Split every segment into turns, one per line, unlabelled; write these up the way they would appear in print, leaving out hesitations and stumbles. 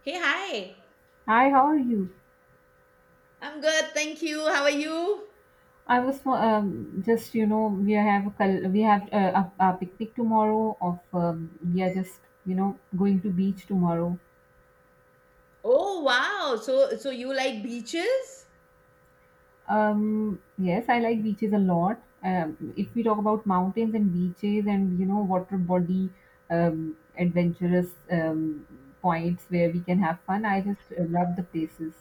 Hey, hi.
Hi, how are you?
I'm good, thank you. How are you?
I was just, we have a picnic tomorrow. Of We are just, going to beach tomorrow.
Oh, wow. So you like beaches?
Yes, I like beaches a lot. If we talk about mountains and beaches and water body, adventurous, points where we can have fun, I just love the places.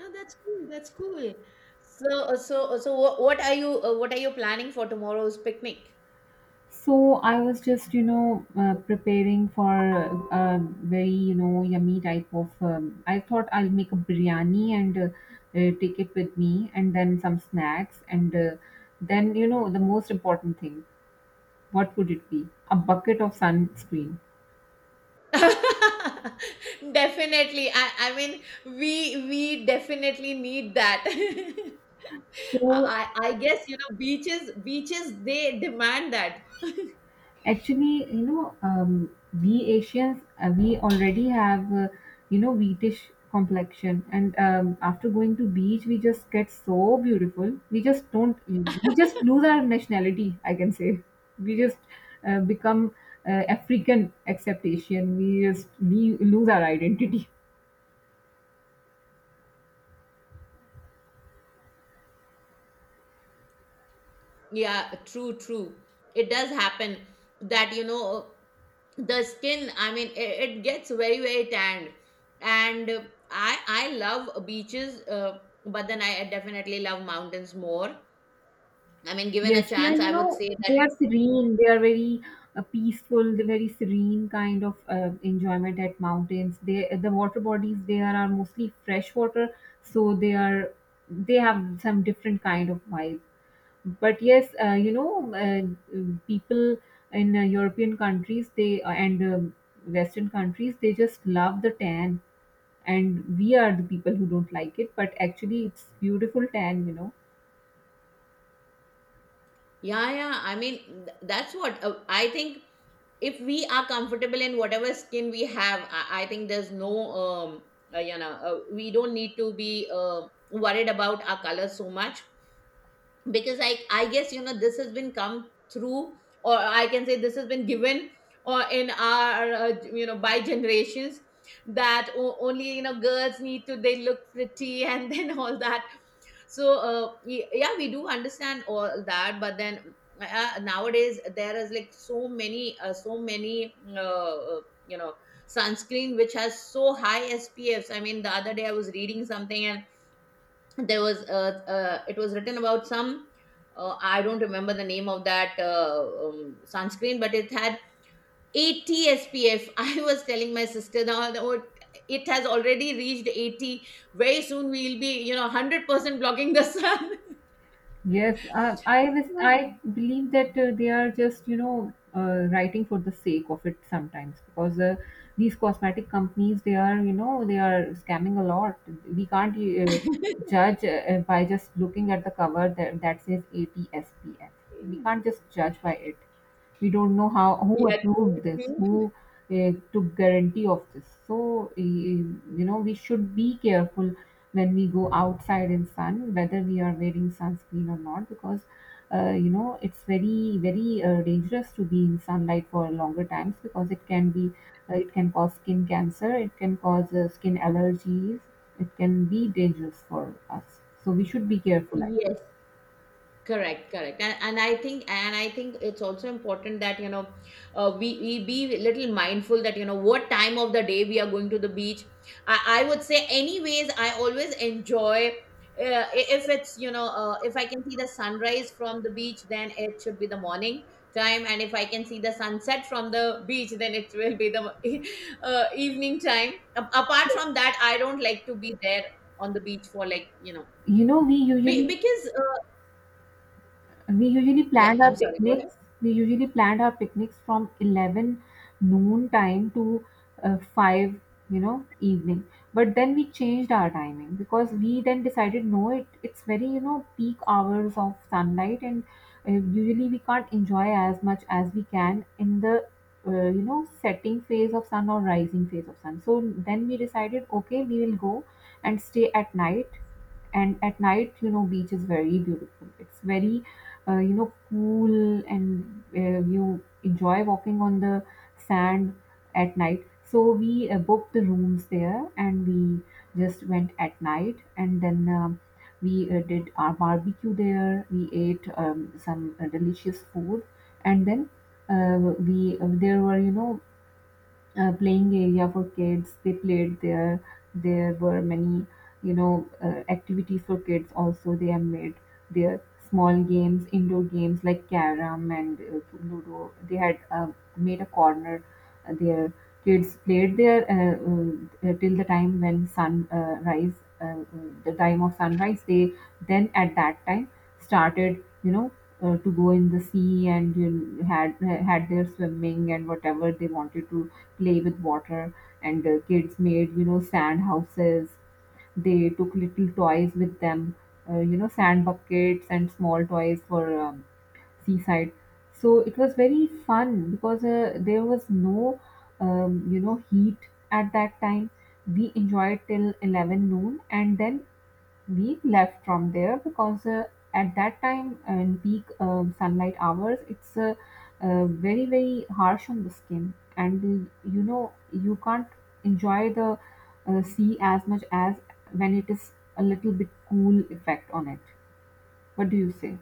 Oh, that's cool. That's cool. So what are you planning for tomorrow's picnic?
So I was just, preparing for a very, yummy type of. I thought I'll make a biryani and take it with me, and then some snacks, and then, the most important thing, what would it be? A bucket of sunscreen.
Definitely. I mean we definitely need that.
So.
I guess, you know, beaches they demand that.
Actually, we Asians, we already have, wheatish complexion, and after going to beach, we just get so beautiful. We just don't, we just lose our nationality. I can say, we just become African, except Asian. We just we lose our identity.
Yeah, true, true. It does happen that, you know, the skin, I mean it gets very, very tanned, and I love beaches, but then I definitely love mountains more. I mean, given a
Yes, they are,
chance, I would say that
serene. They are very peaceful. They're very serene kind of enjoyment at mountains. The water bodies there are mostly fresh water, so they have some different kind of vibe. But yes, uh, people in European countries, they and Western countries, they just love the tan, and we are the people who don't like it. But actually, it's beautiful tan.
yeah, yeah, I mean that's what I think. If we are comfortable in whatever skin we have, I think there's no you know, we don't need to be worried about our colors so much, because I guess, you know, this has been come through, or I can say this has been given, or in our you know, by generations, that only, you know, girls need to they look pretty and then all that. So, yeah, we do understand all that, but then nowadays there is like so many so many you know, sunscreen which has so high SPFs. I mean, the other day I was reading something. There was it was written about some I don't remember the name of that sunscreen, but it had 80 SPF. I was telling my sister now that, "Oh, it has already reached 80. Very soon we'll be, you know, 100% blocking the sun."
Yes, I was. I believe that they are just, writing for the sake of it sometimes, because these cosmetic companies, they are, scamming a lot. We can't
So,
judge by just looking at the cover that, says ATSPF. We can't just judge by it. We don't know how, who
yeah, true,
approved this,
true.
who took guarantee of this. So we should be careful when we go outside in sun, whether we are wearing sunscreen or not, because it's very very dangerous to be in sunlight for longer times, because it can be, it can cause skin cancer, it can cause skin allergies, it can be dangerous for us, so we should be careful, I think.
Yes. Correct, correct, and I think it's also important that, you know, we be little mindful that, you know, what time of the day we are going to the beach. I would say, anyways, I always enjoy if it's, you know, if I can see the sunrise from the beach, then it should be the morning time, and if I can see the sunset from the beach, then it will be the evening time. Apart from that, I don't like to be there on the beach for, like, you know,
you know we usually
because yeah, I'm sorry, go ahead.
we usually planned our picnics from 11 noon time to 5, evening. But then we changed our timing, because we then decided, no, it's very, peak hours of sunlight. And usually we can't enjoy as much as we can in the setting phase of sun or rising phase of sun. So then we decided, okay, we will go and stay at night. And at night, beach is very beautiful, it's very cool, and you enjoy walking on the sand at night. So we booked the rooms there, and we just went at night, and then we did our barbecue there. We ate some delicious food, and then we there were playing area for kids. They played there. There were many, activities for kids also. They have made their small games, indoor games like carom and ludo. They had made a corner there. Kids played there till the time when sun the time of sunrise. They then at that time started, to go in the sea, and had their swimming and whatever they wanted to play with water. And kids made, sand houses. They took little toys with them, sand buckets and small toys for seaside. So it was very fun, because there was no heat at that time. We enjoyed till 11 noon, and then we left from there, because at that time and peak sunlight hours, it's very very harsh on the skin. And you can't enjoy the sea as much as when it is a little bit cool effect on it. What do you say?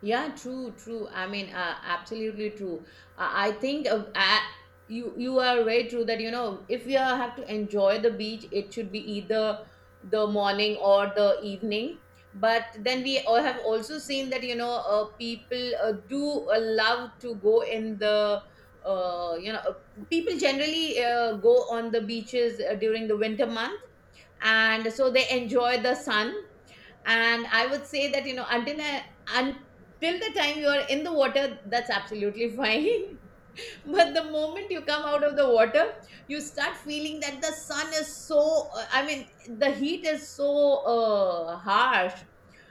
Yeah, true, true. I mean, absolutely true. I think you are very true that, you know, if you have to enjoy the beach, it should be either the morning or the evening. But then we all have also seen that, you know, people do love to go in the you know, people generally go on the beaches during the winter month, and so they enjoy the sun. And I would say that, you know, until the time you are in the water, that's absolutely fine. But the moment you come out of the water, you start feeling that the sun is so I mean the heat is so harsh.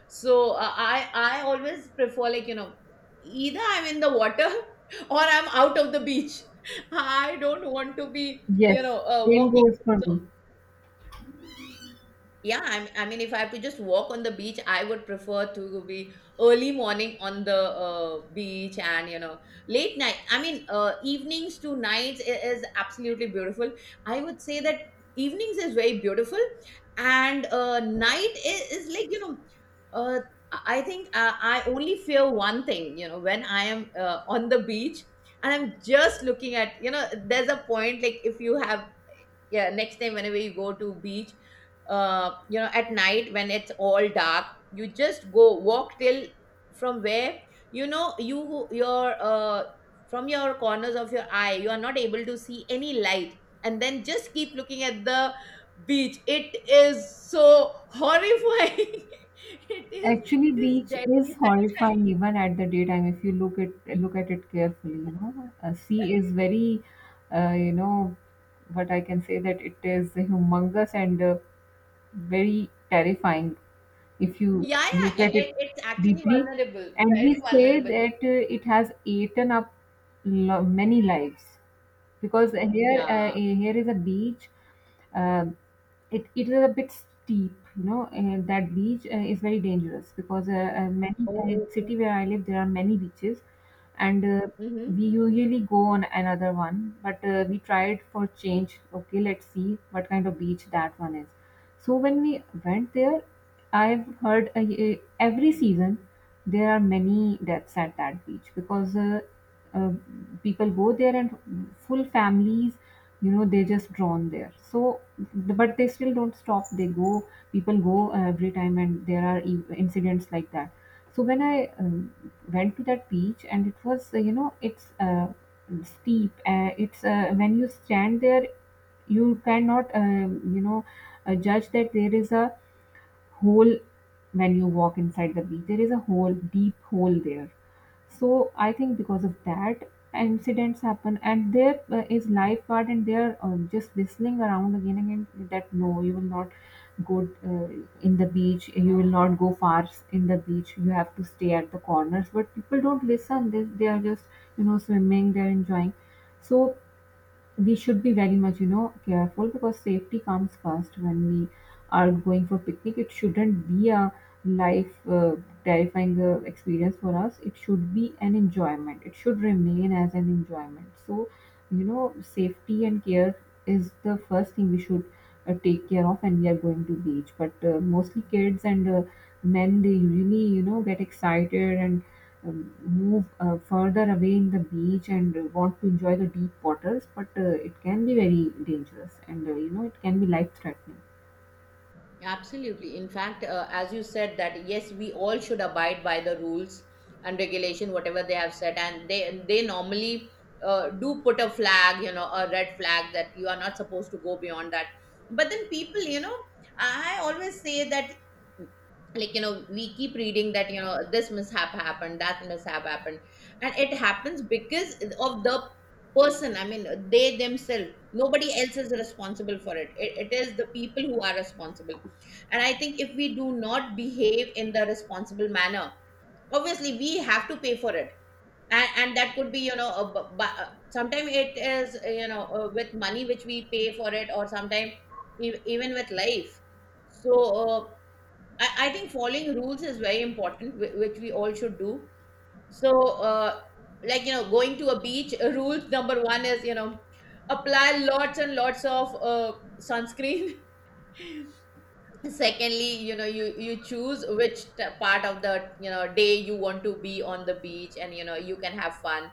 So I always prefer, like, you know, either I'm in the water or I'm out of the beach. I don't want to be, you
Yes,
know,
same
walking.
goes for
So
me.
yeah, I mean, if I have to just walk on the beach, I would prefer to be early morning on the beach, and, you know, late night. I mean, evenings to nights is absolutely beautiful. I would say that evenings is very beautiful, and night is, like, you know, uh, I think I only fear one thing, you know, when I am on the beach, and I'm just looking at, you know, there's a point like if you have. Yeah, next time whenever you go to beach, you know, at night when it's all dark, you just go walk till from where, you know, your from your corners of your eye you are not able to see any light, and then just keep looking at the beach. It is so horrifying. It is.
Actually,
It is
beach
deadly.
is horrifying even at the daytime, if you look at it carefully. Sea is very, uh, you know, what I can say, that it is humongous, and very terrifying if you
Yeah,
look
yeah,
at it
it's actually
deeply.
vulnerable,
And he
very
say
vulnerable.
that it has eaten up many lives, because here,
Yeah.
is a beach. Uh, it is a bit steep, and that beach is very dangerous, because many,
Oh, oh,
city
oh.
where I live there are many beaches. And we
Mhm.
usually go on another one, but we tried for change. Okay, let's see what kind of beach that one is. So when we went there, I've heard, every season there are many deaths at that beach, because uh, people go there, and full families, they just drawn there. So, but they still don't stop. People go every time, and there are incidents like that. So when I went to that beach, and it was, it's steep. It's when you stand there, you cannot judge that there is a hole. When you walk inside the beach, there is a hole, deep hole there. So I think because of that, incidents happen. And there is lifeguard, and they're just whistling around again and again that, "No, you will not go in the beach, you will not go far in the beach, you have to stay at the corners." But people don't listen. They are just swimming, they're enjoying. So we should be very much, careful, because safety comes first when we are going for picnic. It shouldn't be a life, terrifying experience for us. It should be an enjoyment. It should remain as an enjoyment. So, safety and care is the first thing we should take care of when we are going to beach. But mostly kids and men, they usually, get excited, and move further away in the beach, and want to enjoy the deep waters. But it can be very dangerous, and it can be life threatening.
Absolutely. In fact, as you said, that yes, we all should abide by the rules and regulation, whatever they have set, and they normally do put a flag, you know, a red flag that you are not supposed to go beyond that. But then people, you know, I always say that, like, you know, we keep reading that, you know, this mishap happened, that mishap happened, and it happens because of the person, I mean, they themselves. Nobody else is responsible for it. It is the people who are responsible, and I think if we do not behave in the responsible manner, obviously we have to pay for it. And that could be, you know, sometimes it is, you know, with money which we pay for it, or sometimes even with life. So I think following rules is very important, which we all should do. So, like, you know, going to a beach, rules number one is, you know, apply lots and lots of sunscreen. Secondly, you know, you choose which part of the, you know, day you want to be on the beach, and you know you can have fun.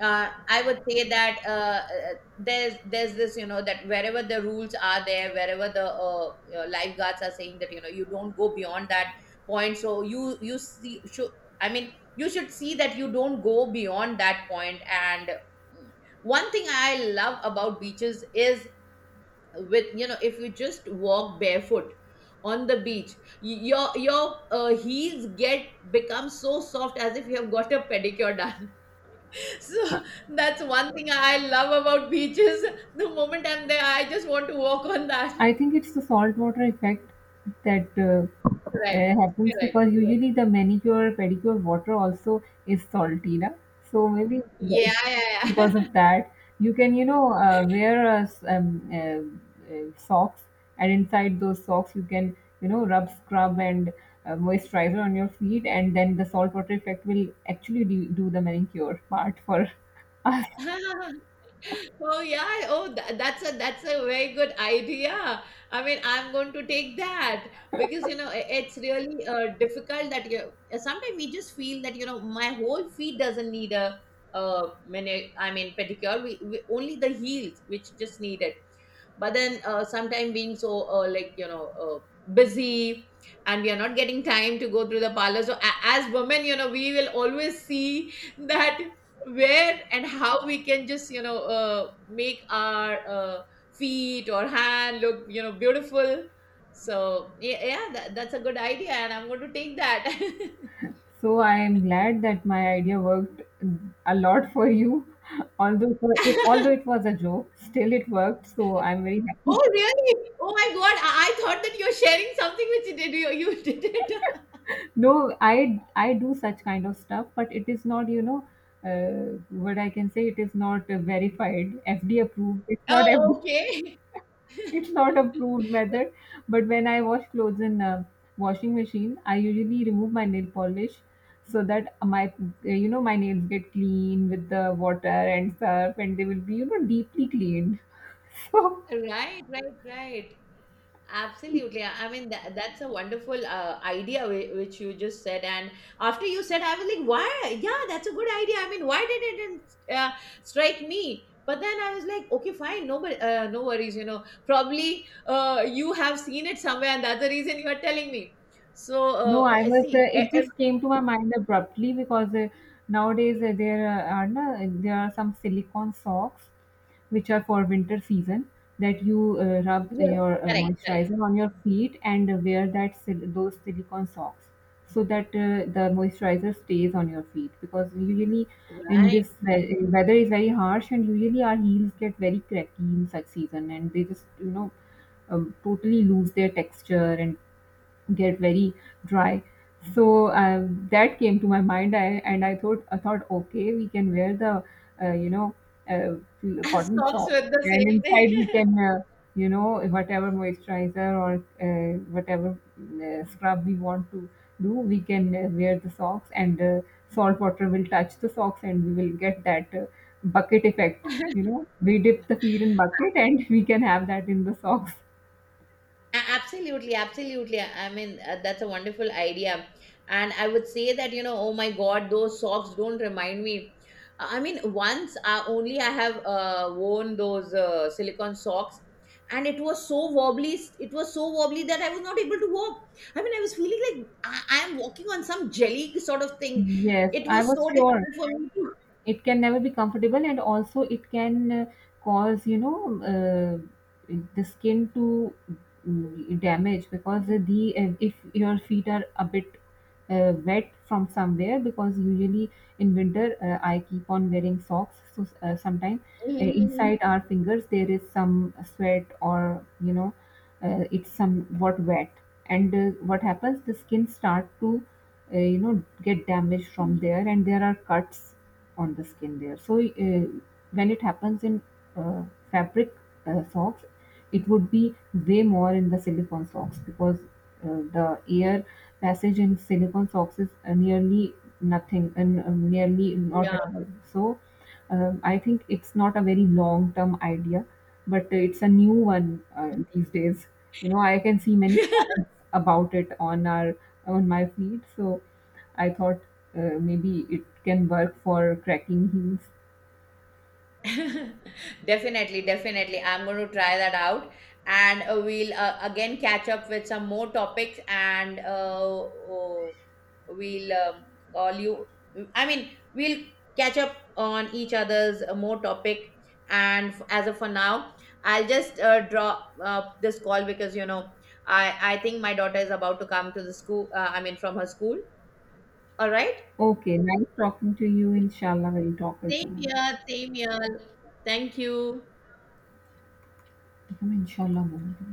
I would say that there's this, you know, that wherever the rules are there, wherever the lifeguards are saying that, you know, you don't go beyond that point. So you see should, I mean, you should see that you don't go beyond that point. And mm, one thing I love about beaches is, with, you know, if you just walk barefoot on the beach, your heels get become so soft as if you have got a pedicure done. So that's one thing I love about beaches. The moment I'm there, I just want to walk on that.
I think it's the saltwater effect that
Right,
happens,
correct,
because
correct.
usually the manicure pedicure water also is salty, na? So maybe
Yeah, yeah, yeah.
because of that, you can, wear a s socks, and inside those socks you can, rub, scrub, and moisturizer on your feet, and then the saltwater effect will actually do the manicure part for...
Yeah. Oh yeah. Oh, that's a very good idea. I mean, I'm going to take that, because, you know, it's really difficult that you. Sometimes we just feel that, you know, my whole feet doesn't need a many. I mean pedicure. We only the heels which just need it, but then sometime being so like, you know, busy, and we are not getting time to go through the parlor. So, as women, you know, we will always see that where and how we can just, you know, make our feet or hand look, you know, beautiful. So yeah, yeah, that's a good idea, and I'm going to take that.
So I am glad that my idea worked a lot for you. Although it was a joke, still it worked. So I'm very happy.
Oh, really? Oh my god, I thought that you're sharing something which you did. You did it.
No, I do such kind of stuff, but it is not, uh, what I can say. It is not verified, FDA approved. It's not F D
Oh,
A
okay.
it's not a proved method. But when I wash clothes in a washing machine, I usually remove my nail polish, so that my you know my nails get clean with the water and stuff, and they will be, deeply cleaned. So...
Right, right, right. Absolutely. I mean, that's a wonderful idea which you just said. And after you said, I was like, why? Yeah, that's a good idea. I mean, why did it didn't, strike me? But then I was like, okay, fine, no, but, no worries. You know, probably you have seen it somewhere, and that's the reason you are telling me. So,
No, I was.
see,
It just came to my mind abruptly, because nowadays there are some silicone socks, which are for winter season, that you rub
yes,
your
correct, correct,
moisturizer on your feet and wear those silicone socks, so that the moisturizer stays on your feet, because usually in
right.
this weather is very harsh, and usually our heels get very cracky in such season, and they just, totally lose their texture, and get very dry. So that came to my mind. And I thought, okay, we can wear the uh, you know cotton
Socks
socks,
with the
and
same
inside we
thing.
can, whatever moisturizer or whatever scrub we want to do, we can wear the socks, and salt water will touch the socks, and we will get that bucket effect. We dip the feet in bucket, and we can have that in the socks.
Absolutely, absolutely. I mean, that's a wonderful idea. And I would say that, you know, oh my God, those socks don't remind me. I mean, once I only I have worn those silicone socks, and it was so wobbly. It was so wobbly that I was not able to walk. I mean, I was feeling like I am walking on some jelly sort of thing.
Yes,
It
I
was
was
so
sure.
difficult for me to.
It can never be comfortable, and also it can cause, the skin to damage, because the if your feet are a bit wet from somewhere, because usually in winter I keep on wearing socks, so sometimes
Mhm, mhm.
inside our fingers there is some sweat, or it's somewhat wet, and what happens, the skin start to, get damaged from there, and there are cuts on the skin there. So when it happens in uh, fabric socks, it would be way more in the silicone socks, because the air passage in silicone socks is nearly nothing, and nearly not at
Yeah.
all. So I think it's not a very long term idea, but it's a new one these days. I can see many about it on our on my feed. So I thought maybe it can work for cracking heels.
Definitely, definitely. I'm going to try that out, and we'll again catch up with some more topics, and we'll call you. I mean, we'll catch up on each other's more topic. And as of for now, I'll just drop this call, because, you know, I think my daughter is about to come to the school. I mean, from her school. All right.
Okay, nice talking to you, inshallah we'll talk
Same
again.
here. Same here. Thank you.
देखो, मैं इंशाल्लाह बोलूँ